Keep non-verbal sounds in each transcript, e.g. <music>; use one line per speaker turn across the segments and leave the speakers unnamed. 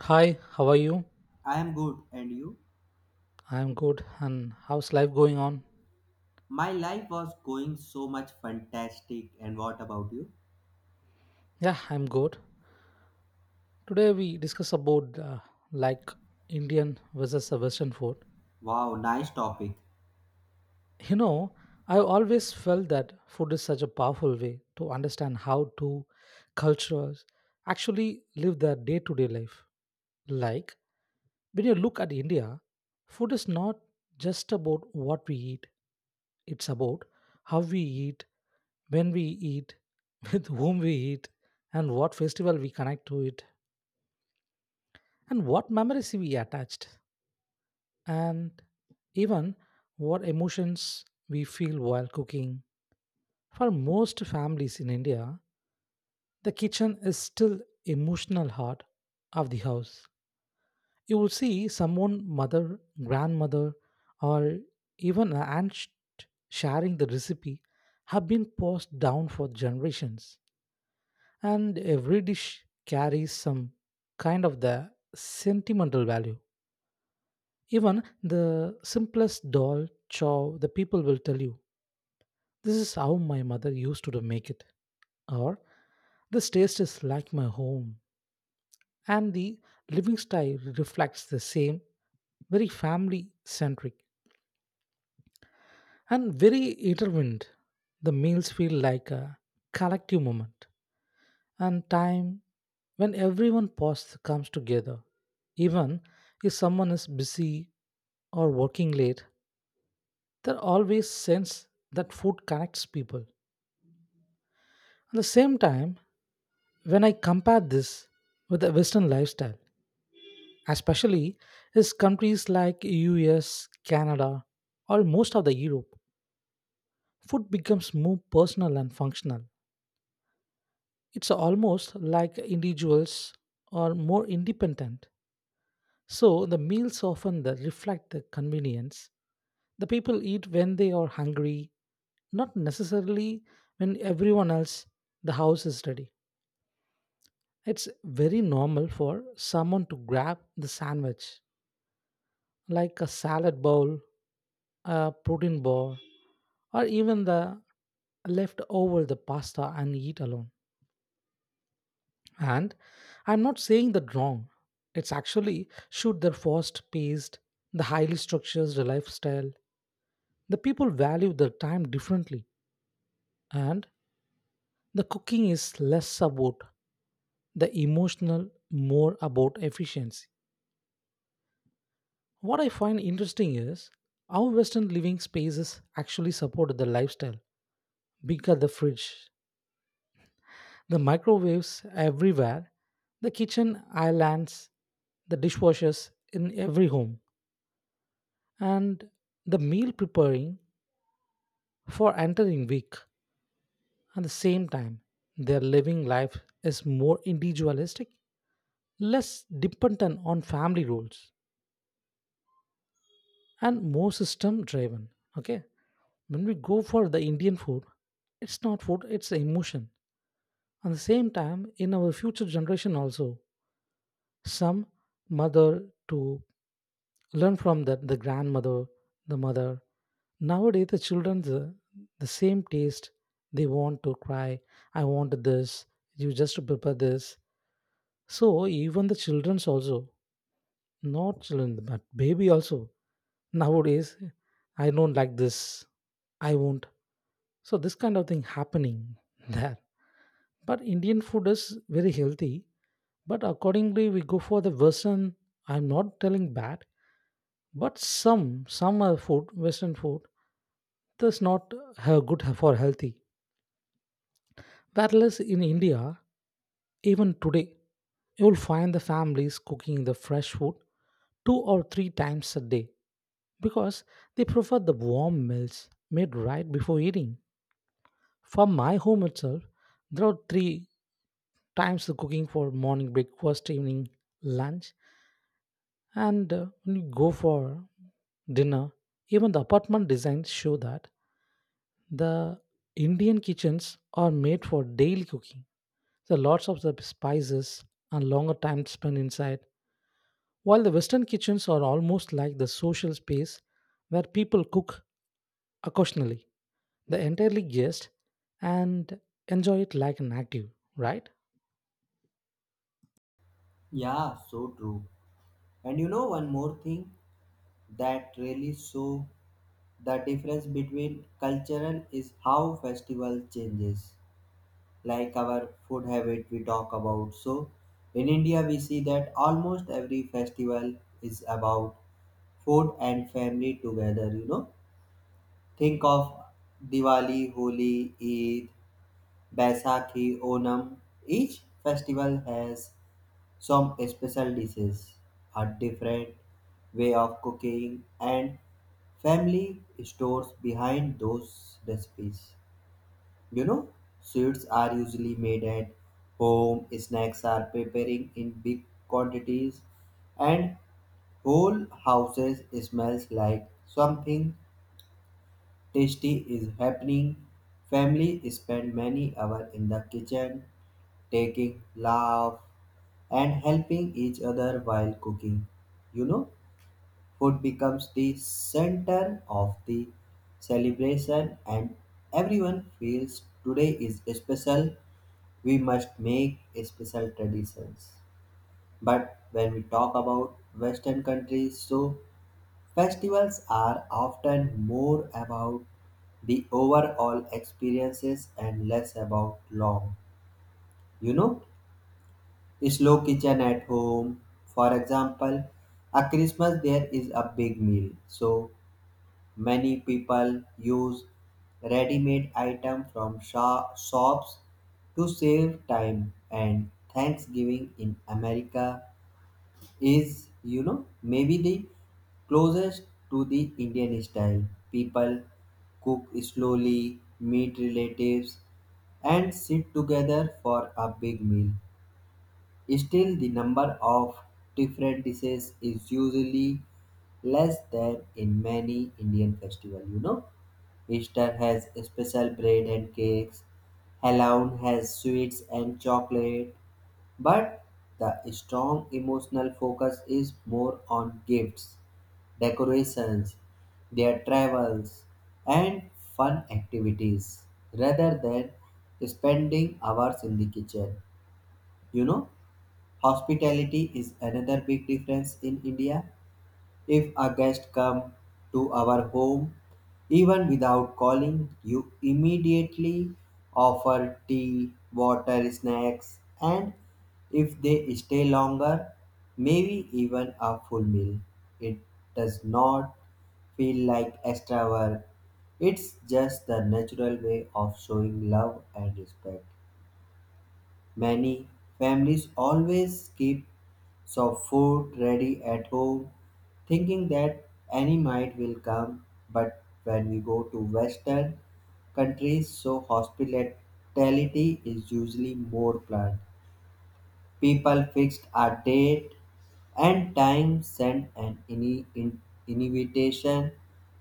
Hi, how are you?
I am good, and you?
I'm good. And how's life going on?
My life was going so much fantastic, and what about you?
Yeah, I'm good. Today we discuss about like Indian versus the Western food.
Wow, nice topic.
You know, I always felt that food is such a powerful way to understand how two cultures actually live their day-to-day life. Like when you look at India, food is not just about what we eat; it's about how we eat, when we eat, <laughs> with whom we eat, and what festival we connect to it, and what memories we attached, and even what emotions we feel while cooking. For most families in India, the kitchen is still emotional heart of the house. You will see someone mother, grandmother, or even an aunt sharing the recipe have been passed down for generations, and every dish carries some kind of the sentimental value. Even the simplest dal chow, the people will tell you, this is how my mother used to make it, or this taste is like my home, and the living style reflects the same, very family centric and very intertwined. The meals feel like a collective moment and time when everyone pause comes together. Even if someone is busy or working late, there always sense that food connects people. At the same time, when I compare this with the Western lifestyle, especially is countries like US, Canada, or most of the Europe, food becomes more personal and functional. It's almost like individuals are more independent. So the meals often that reflect the convenience. The people eat when they are hungry, not necessarily when everyone else the house is ready. It's very normal for someone to grab the sandwich, like a salad bowl, a protein bar, or even the leftover the pasta and eat alone. And I'm not saying that wrong. It's actually should their fast paced, the highly structured lifestyle. The people value their time differently, and the cooking is less about the emotional, more about efficiency. What I find interesting is how Western living spaces actually support the lifestyle. Bigger the fridge, the microwaves everywhere, the kitchen islands, the dishwashers in every home, and the meal preparing for entering week. At the same time, their living life is more individualistic, less dependent on family rules and more system driven. Okay, when we go for the Indian food, it's not food, it's an emotion. At the same time, in our future generation also, some mother to learn from that, the grandmother, the mother, nowadays the children, the same taste, they want to cry, I want this, you just prepare this. So even the children's also. Not children, but baby also. Nowadays, I don't like this. I won't. So this kind of thing happening <laughs> there. But Indian food is very healthy. But accordingly, we go for the Western. I'm not telling bad, but some are food Western food that's not good for healthy. Whereas in India, even today, you will find the families cooking the fresh food two or three times a day, because they prefer the warm meals made right before eating. For my home itself, there are three times the cooking for morning breakfast, evening lunch, and when you go for dinner. Even the apartment designs show that the Indian kitchens are made for daily cooking. There are lots of the spices and longer time spent inside. While the Western kitchens are almost like the social space where people cook occasionally. They entirely guessed and enjoy it like an active, right?
Yeah, so true. And you know one more thing that really show the difference between cultural is how festival changes. Like our food habit we talk about. So in India we see that almost every festival is about food and family together, you know, think of diwali holi eid Baisakhi, Onam. Each festival has some special dishes, a different way of cooking, and family stores behind those recipes. You know, sweets are usually made at home, snacks are preparing in big quantities, and whole houses smells like something tasty is happening. Family spend many hours in the kitchen, taking laugh and helping each other while cooking. You know, food becomes the center of the celebration, and everyone feels today is special. We must make special traditions. But when we talk about Western countries, so festivals are often more about the overall experiences and less about long, you know, slow kitchen at home. For example, a Christmas there is a big meal, so many people use ready-made item from shops to save time and Thanksgiving in America is, you know, maybe the closest to the Indian style. People cook slowly, meet relatives, and sit together for a big meal. Still, the number of different dishes is usually less than in many Indian festivals. Easter has special bread and cakes, Halloween has sweets and chocolate, but the strong emotional focus is more on gifts, decorations, their travels, and fun activities rather than spending hours in the kitchen, you know. Hospitality is another big difference in India. If a guest come to our home, even without calling, you immediately offer tea, water, snacks, and if they stay longer, maybe even a full meal. It does not feel like extra work. It's just the natural way of showing love and respect. Many families always keep some food ready at home, thinking that any night will come. But when we go to Western countries, so hospitality is usually more planned. People fixed a date and time, send an invitation,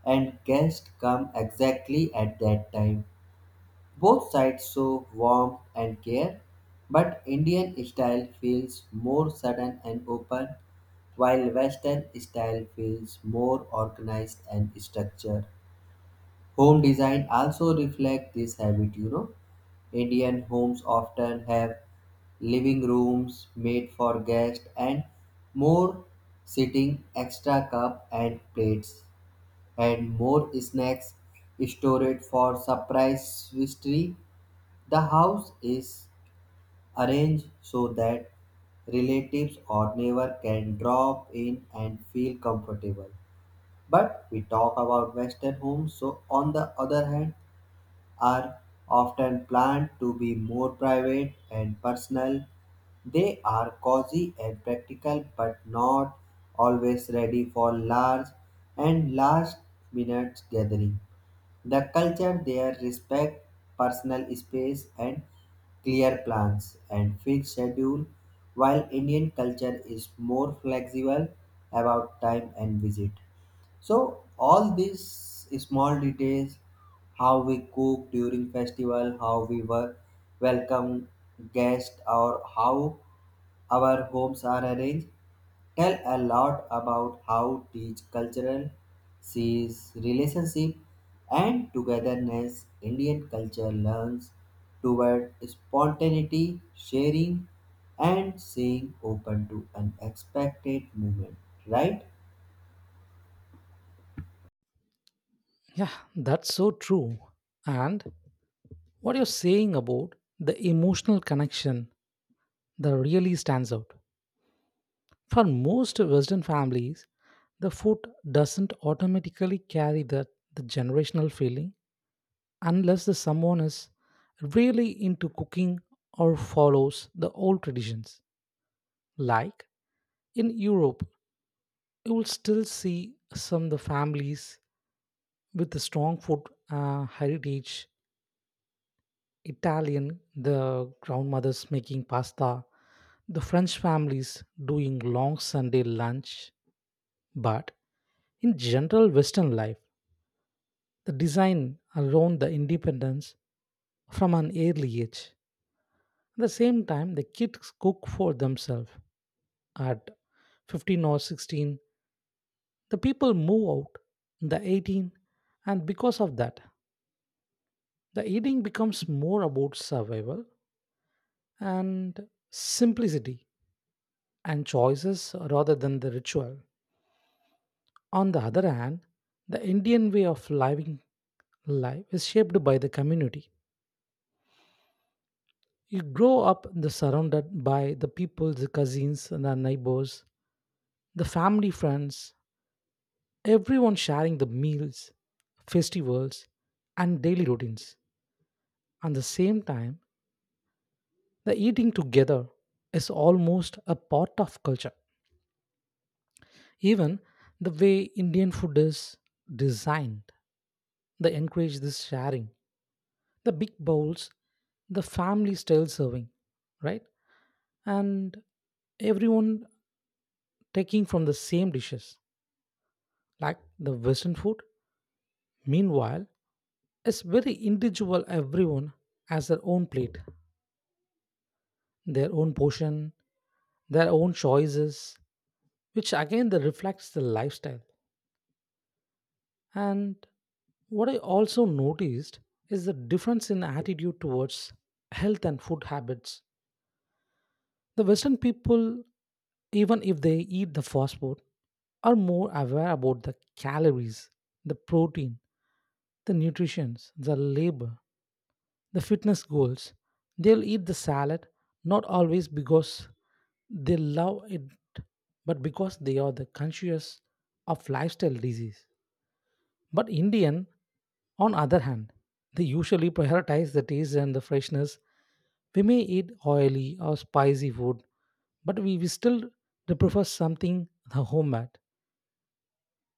and guests come exactly at that time. Both sides show warmth and care, but Indian style feels more sudden and open, while Western style feels more organized and structured. Home design also reflects this habit, you know. Indian homes often have living rooms made for guests and more sitting extra cup and plates and more snacks stored for surprise visitors. The house is arranged so that relatives or neighbor can drop in and feel comfortable. But we talk about Western homes, so on the other hand, are often planned to be more private and personal. They are cozy and practical, but not always ready for large and last minute gathering. The culture there respect personal space and clear plans and fixed schedule while Indian culture is more flexible about time and visit. So all these small details, how we cook during festival, how we work, welcome guests or how our homes are arranged tell a lot about how each cultural sees relationship and togetherness. Indian culture learns toward spontaneity, sharing, and staying open to unexpected movement. Right?
Yeah, that's so true. And what you're saying about the emotional connection that really stands out. For most Western families, the food doesn't automatically carry that the generational feeling unless the someone is really into cooking or follows the old traditions. Like in Europe, you will still see some of the families with the strong food heritage, Italian the grandmothers making pasta, the French families doing long Sunday lunch. But in general, Western life, the design around the independence from an early age, at the same time, the kids cook for themselves at 15 or 16, the people move out in the 18. And because of that, the eating becomes more about survival and simplicity and choices rather than the ritual. On the other hand, the Indian way of living life is shaped by the community. You grow up the surrounded by the people, the cousins, the neighbors, the family friends, everyone sharing the meals, festivals, and daily routines. At the same time, the eating together is almost a part of culture. Even the way Indian food is designed, they encourage this sharing, the big bowls, the family style serving, right? And everyone taking from the same dishes. Like the Western food, meanwhile, is very individual. Everyone has their own plate, their own portion, their own choices, which again that reflects the lifestyle. And what I also noticed is the difference in attitude towards health and food habits. The Western people, even if they eat the fast food, are more aware about the calories, the protein, the nutrition, the labor, the fitness goals. They'll eat the salad not always because they love it, but because they are the conscious of lifestyle disease. But Indian, on other hand, they usually prioritize the taste and the freshness. We may eat oily or spicy food, but we still they prefer something the home at,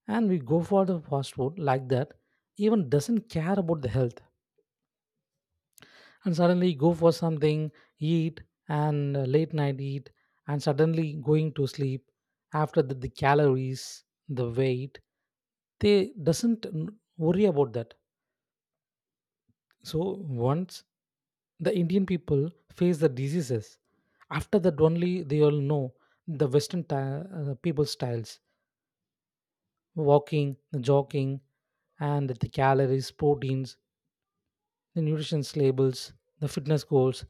and we go for the fast food like that, even doesn't care about the health, and suddenly go for something, eat, and late night eat, and suddenly going to sleep after the calories, the weight, they doesn't worry about that. So once the Indian people face the diseases, after that only they all know the Western people styles, walking, the jogging, and the calories, proteins, the nutrition labels, the fitness goals.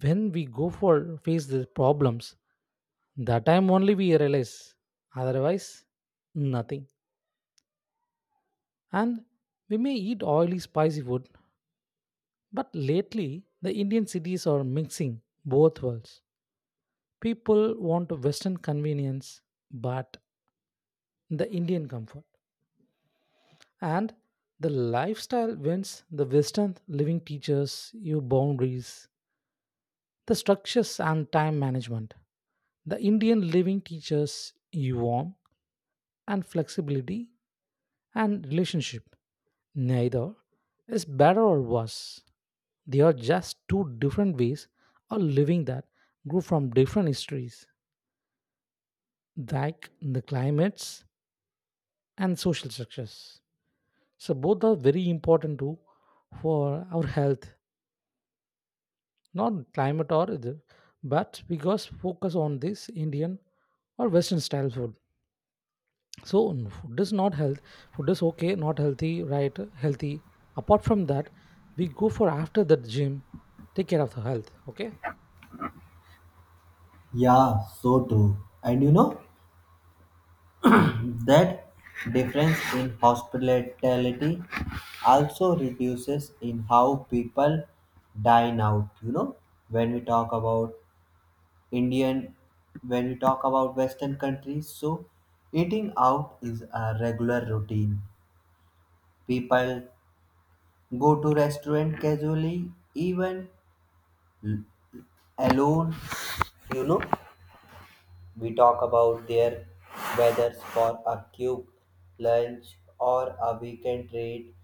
When we go for face the problems, that time only we realize. Otherwise, nothing. And we may eat oily, spicy food, but lately the Indian cities are mixing both worlds. People want Western convenience, but the Indian comfort. And the lifestyle wins. The Western living teaches you boundaries, the structures, and time management. The Indian living teaches you warmth and flexibility and relationship. Neither is better or worse. They are just two different ways of living that grew from different histories, like the climates and social structures. So both are very important too for our health, not climate or but because focus on this Indian or Western style food. So food is not health. Food is okay, not healthy, right? Healthy. Apart from that, we go for after the gym, take care of the health. Okay.
Yeah, so true. And you know that difference in hospitality also reduces in how people dine out. You know, when we talk about Indian, when we talk about Western countries, so eating out is a regular routine. People go to restaurant casually, even alone. You know, we talk about their weathers for a cube lunch or a weekend treat.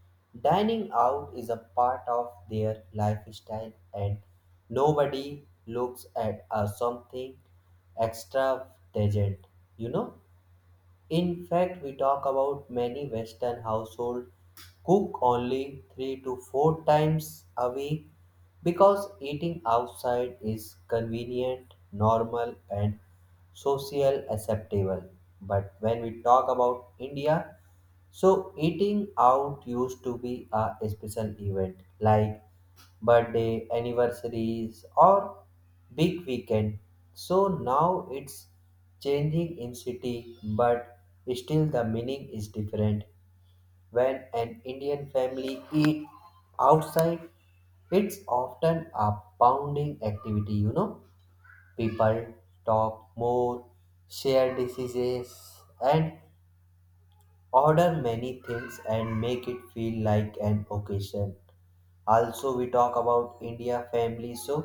Dining out is a part of their lifestyle, and nobody looks at something extravagant. You know, in fact, we talk about many Western households cook only 3 to 4 times a week because eating outside is convenient, normal, and social acceptable. But when we talk about India, so eating out used to be a special event, like birthday, anniversaries, or big weekend. So now it's changing in city, but still the meaning is different. When an Indian family eat outside, it's often a pounding activity, you know. People talk more, share diseases, and order many things and make it feel like an occasion. Also, we talk about India family, so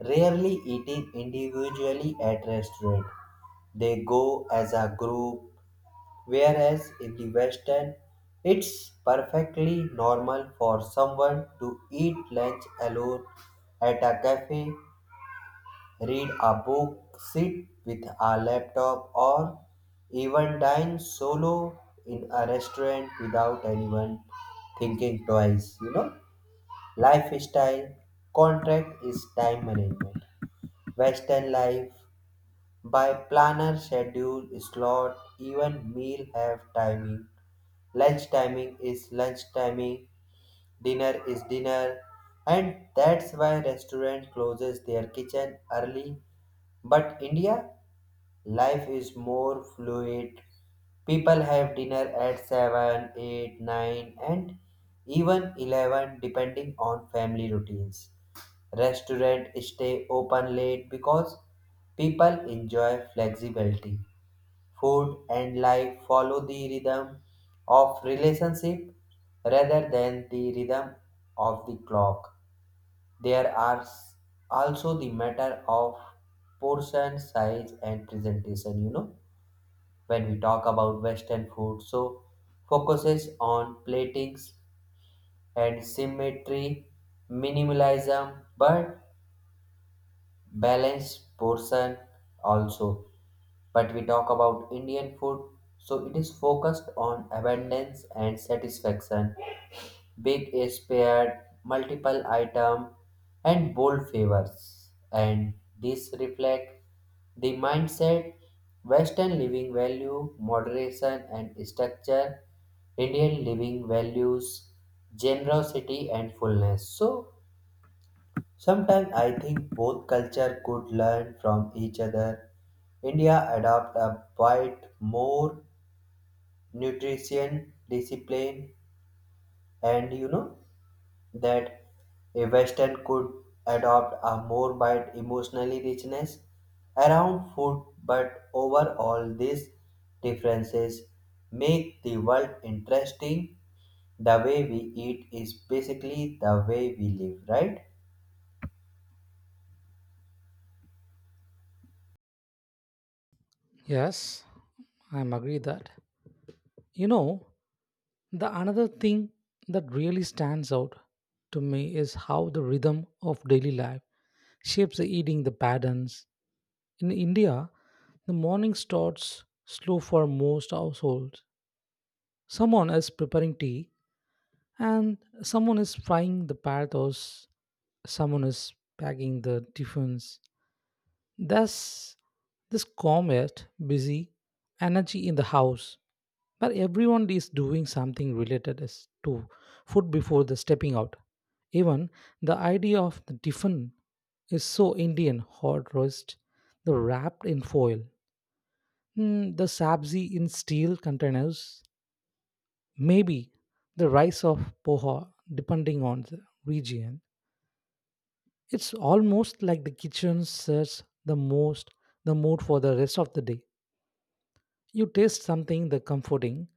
rarely eating individually at restaurant. They go as a group, whereas in the Western, it's perfectly normal for someone to eat lunch alone at a cafe, read a book, sit with a laptop, or even dine solo in a restaurant without anyone thinking twice. You know, lifestyle contract is time management. Western life by planner, schedule, slot, even meal have timing. Lunch timing is lunch timing, dinner is dinner, and that's why restaurant closes their kitchen early. But India life is more fluid. People have dinner at 7, 8, 9, and even 11 depending on family routines. Restaurants stay open late because people enjoy flexibility. Food and life follow the rhythm of relationship rather than the rhythm of the clock. There are also the matter of portion size and presentation, you know, when we talk about Western food. So, focuses on platings and symmetry, minimalism, but balanced portion also. But we talk about Indian food, so it is focused on abundance and satisfaction, big is paired, multiple item, and bold favors. And these reflect the mindset, Western living value, moderation and structure, Indian living values, generosity and fullness. So sometimes I think both culture could learn from each other. India adopt a bite more nutrition discipline, and you know that a Western could adopt a more bite emotionally richness around food, but overall these differences make the world interesting. The way we eat is basically the way we live, right?
Yes, I'm agree that. You know, the another thing that really stands out to me is how the rhythm of daily life shapes the eating the patterns. In India, the morning starts slow for most households. Someone is preparing tea, and someone is frying the paratha, or someone is packing the tiffins. Thus, this calm yet busy energy in the house, where everyone is doing something related as to food before the stepping out. Even the idea of the tiffin is so Indian hot roast, the wrapped in foil, the sabzi in steel containers, maybe the rice of poha, depending on the region. It's almost like the kitchen sets the most the mood for the rest of the day. You taste something the comforting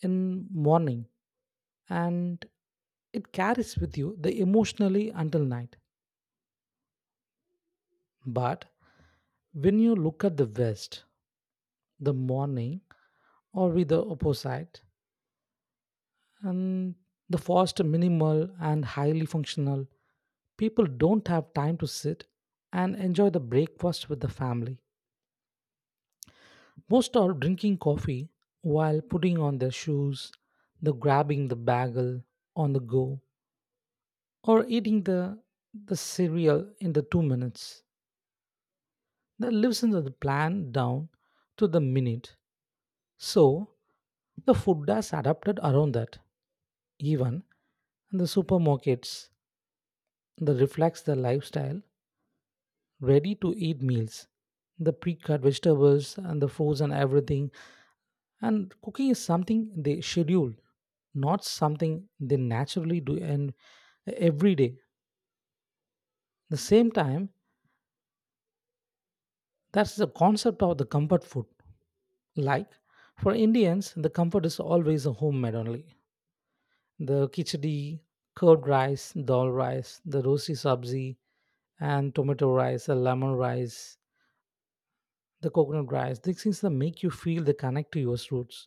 in morning, and it carries with you the emotionally until night. But when you look at the west, the morning or with the opposite and the fast minimal and highly functional. People don't have time to sit and enjoy the breakfast with the family. Most are drinking coffee while putting on their shoes, the grabbing the bagel on the go, or eating the cereal in the 2 minutes. That lives into the plan down to the minute. So the food has adapted around that. Even in the supermarkets that reflects the lifestyle, ready to eat meals. The pre cut vegetables and the frozen everything. And cooking is something they schedule, not something they naturally do and every day. The same time, that's the concept of the comfort food. Like for Indians, the comfort is always a homemade only. The khichdi, curd rice, dal rice, the rosy sabzi, and tomato rice, the lemon rice, the coconut rice. These things that make you feel the connect to your roots.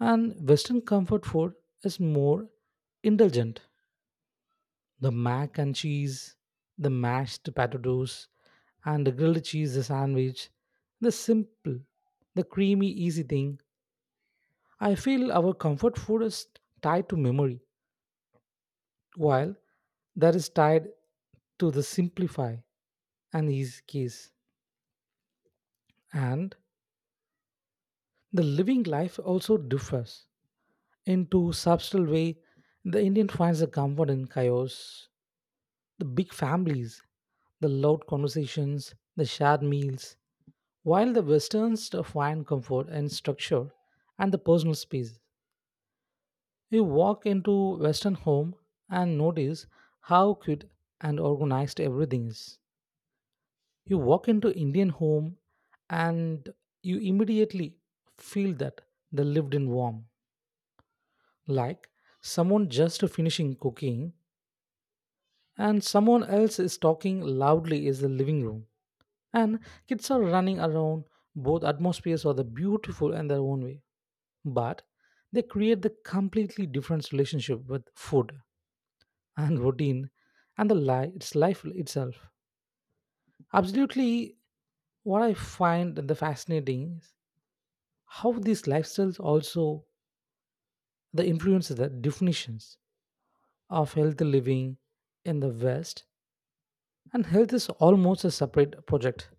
And Western comfort food is more indulgent. The mac and cheese, the mashed potatoes, and the grilled cheese sandwich. The simple, the creamy, easy thing. I feel our comfort food is tied to memory, while that is tied to the simplify and ease case. And the living life also differs. Into subtle way, the Indian finds the comfort in chaos, the big families, the loud conversations, the shared meals. While the Westerns find comfort in structure and the personal space, you walk into Western home and notice how cute and organized everything is. You walk into Indian home and you immediately feel that the lived in warm. Like someone just finishing cooking and someone else is talking loudly is the living room. And kids are running around. Both atmospheres are the beautiful in their own way, but they create the completely different relationship with food and routine and the life its life itself. Absolutely. What I find the fascinating is how these lifestyles also the influence the definitions of healthy living in the West. And health is almost a separate project.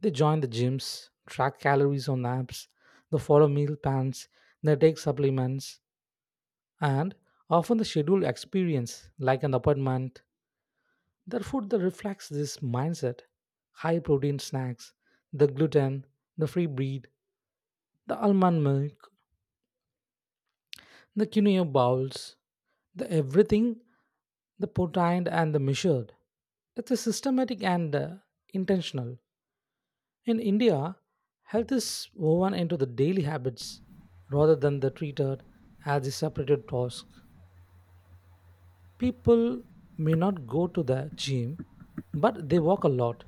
They join the gyms, track calories on apps, they follow meal plans, they take supplements, and often the scheduled experience like an apartment. Therefore, that reflects this mindset. High protein snacks, the gluten, the free bread, the almond milk, the quinoa bowls, the everything, the portend and the measured. It's a systematic and intentional. In India, health is woven into the daily habits rather than the treated as a separated task. People may not go to the gym, but they walk a lot.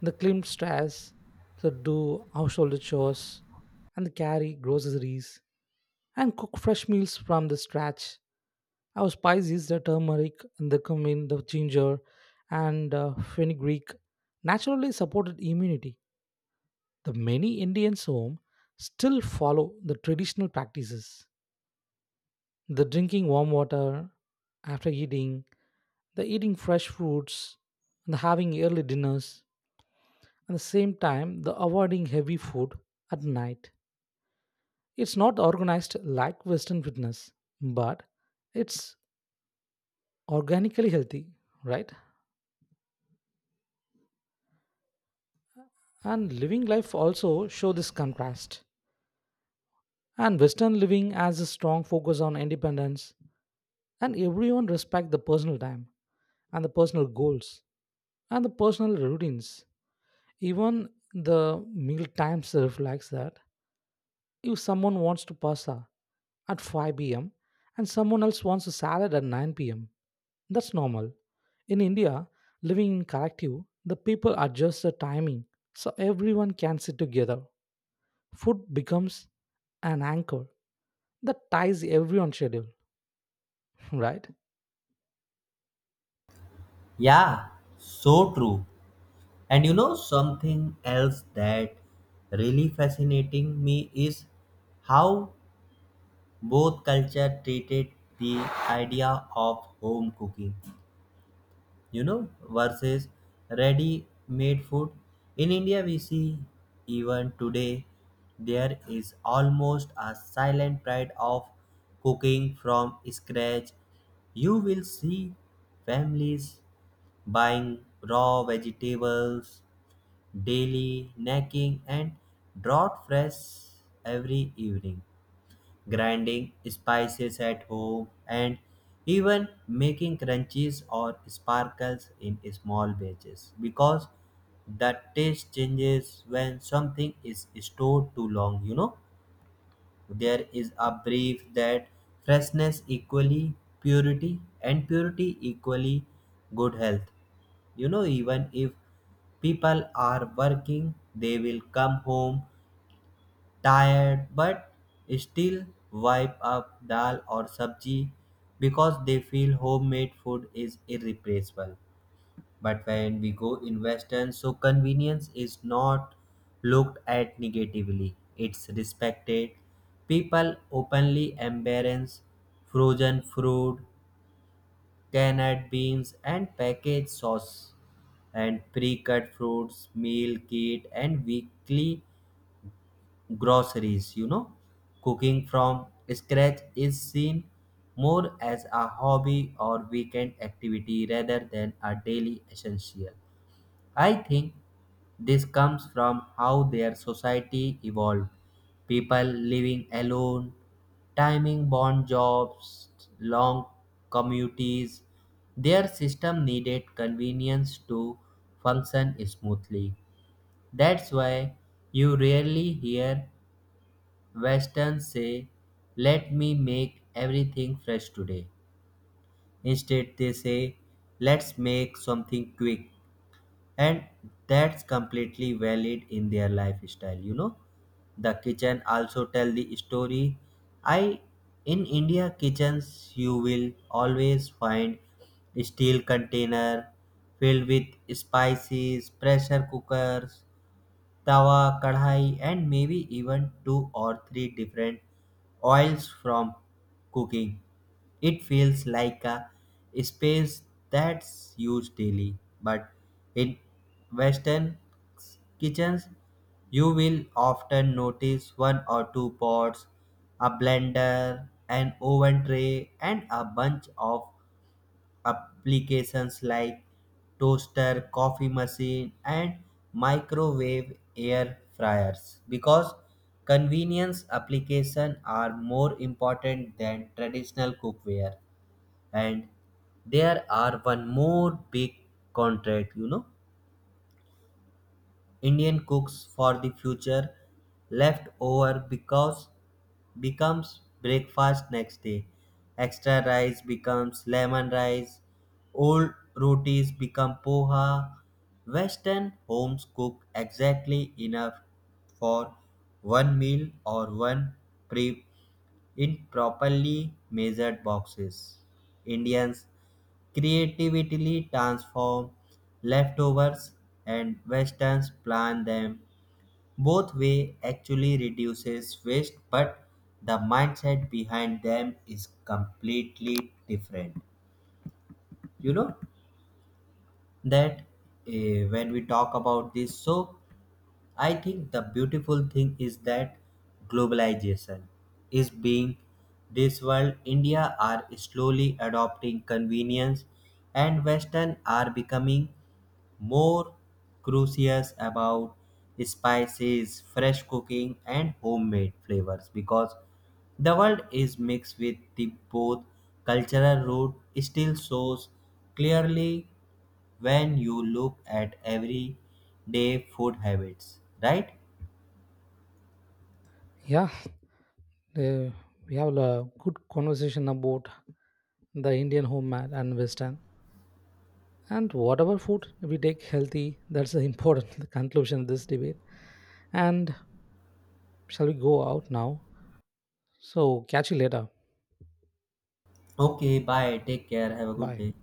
They climb stairs, they do household chores, and they carry groceries and cook fresh meals from the scratch. Our spices, the turmeric, and the cumin, the ginger, and fenugreek, naturally supported immunity. The many Indians home still follow the traditional practices. The drinking warm water after eating, the eating fresh fruits, and the having early dinners, at the same time, the avoiding heavy food at night. It's not organized like Western fitness, but it's organically healthy, right? And living life also show this contrast. And Western living has a strong focus on independence, and everyone respect the personal time and the personal goals and the personal routines. Even the meal times reflects that. If someone wants to pasta, at 5 p.m. and someone else wants a salad at 9 pm. That's normal. In India, living in collective, the people adjust the timing so everyone can sit together. Food becomes an anchor that ties everyone schedule, <laughs> right?
Yeah, so true. And you know, something else that really fascinating me is how both culture treated the idea of home cooking, you know, versus ready made food. In India, we see even today there is almost a silent pride of cooking from scratch. You will see families buying raw vegetables daily, snacking, and drought fresh every evening, grinding spices at home, and even making crunches or sparkles in small batches because the taste changes when something is stored too long. You know, there is a belief that freshness equally purity and purity equally good health. You know, even if people are working, they will come home tired but still wipe up dal or sabji because they feel homemade food is irreplaceable. But when we go in Western, so convenience is not looked at negatively, it's respected. People openly embrace frozen fruit, canned beans, and packaged sauce and pre-cut fruits, meal kit, and weekly groceries. You know, cooking from scratch is seen more as a hobby or weekend activity rather than a daily essential. I think this comes from how their society evolved, people living alone, timing bond jobs, long commutes— their system needed convenience to function smoothly. That's why you rarely hear Western say, "Let me make everything fresh today." Instead, they say, "Let's make something quick." And that's completely valid in their lifestyle, you know. The kitchen also tell the story. I, in India kitchens you will always find steel container filled with spices, pressure cookers tawa, kadhai, and maybe even 2 or 3 different oils from cooking. It feels like a space that's used daily, but in Western kitchens, you will often notice one or two pots, a blender, an oven tray, and a bunch of applications like toaster, coffee machine, and microwave air fryers because convenience applications are more important than traditional cookware. And there are one more big contract, you know, Indian cooks for the future leftover because becomes breakfast next day. Extra rice becomes lemon rice. Old rotis become poha. Western homes cook exactly enough for one meal or one prep in properly measured boxes. Indians creatively transform leftovers and westerns plan them, both way actually reduces waste but the mindset behind them is completely different. You know that when we talk about this, so I think the beautiful thing is that globalization is being this world, india are slowly adopting convenience and western are becoming more curious about spices, fresh cooking, and homemade flavors because the world is mixed with the both cultural root still shows clearly when you look at everyday food habits. Right?
Yeah, uh, we have a good conversation about the Indian homemade and Western. And whatever food we take healthy, that's the important <laughs> conclusion of this debate. And shall we go out now? So catch you later.
Okay, bye. Take care. Have a good
Bye.
day.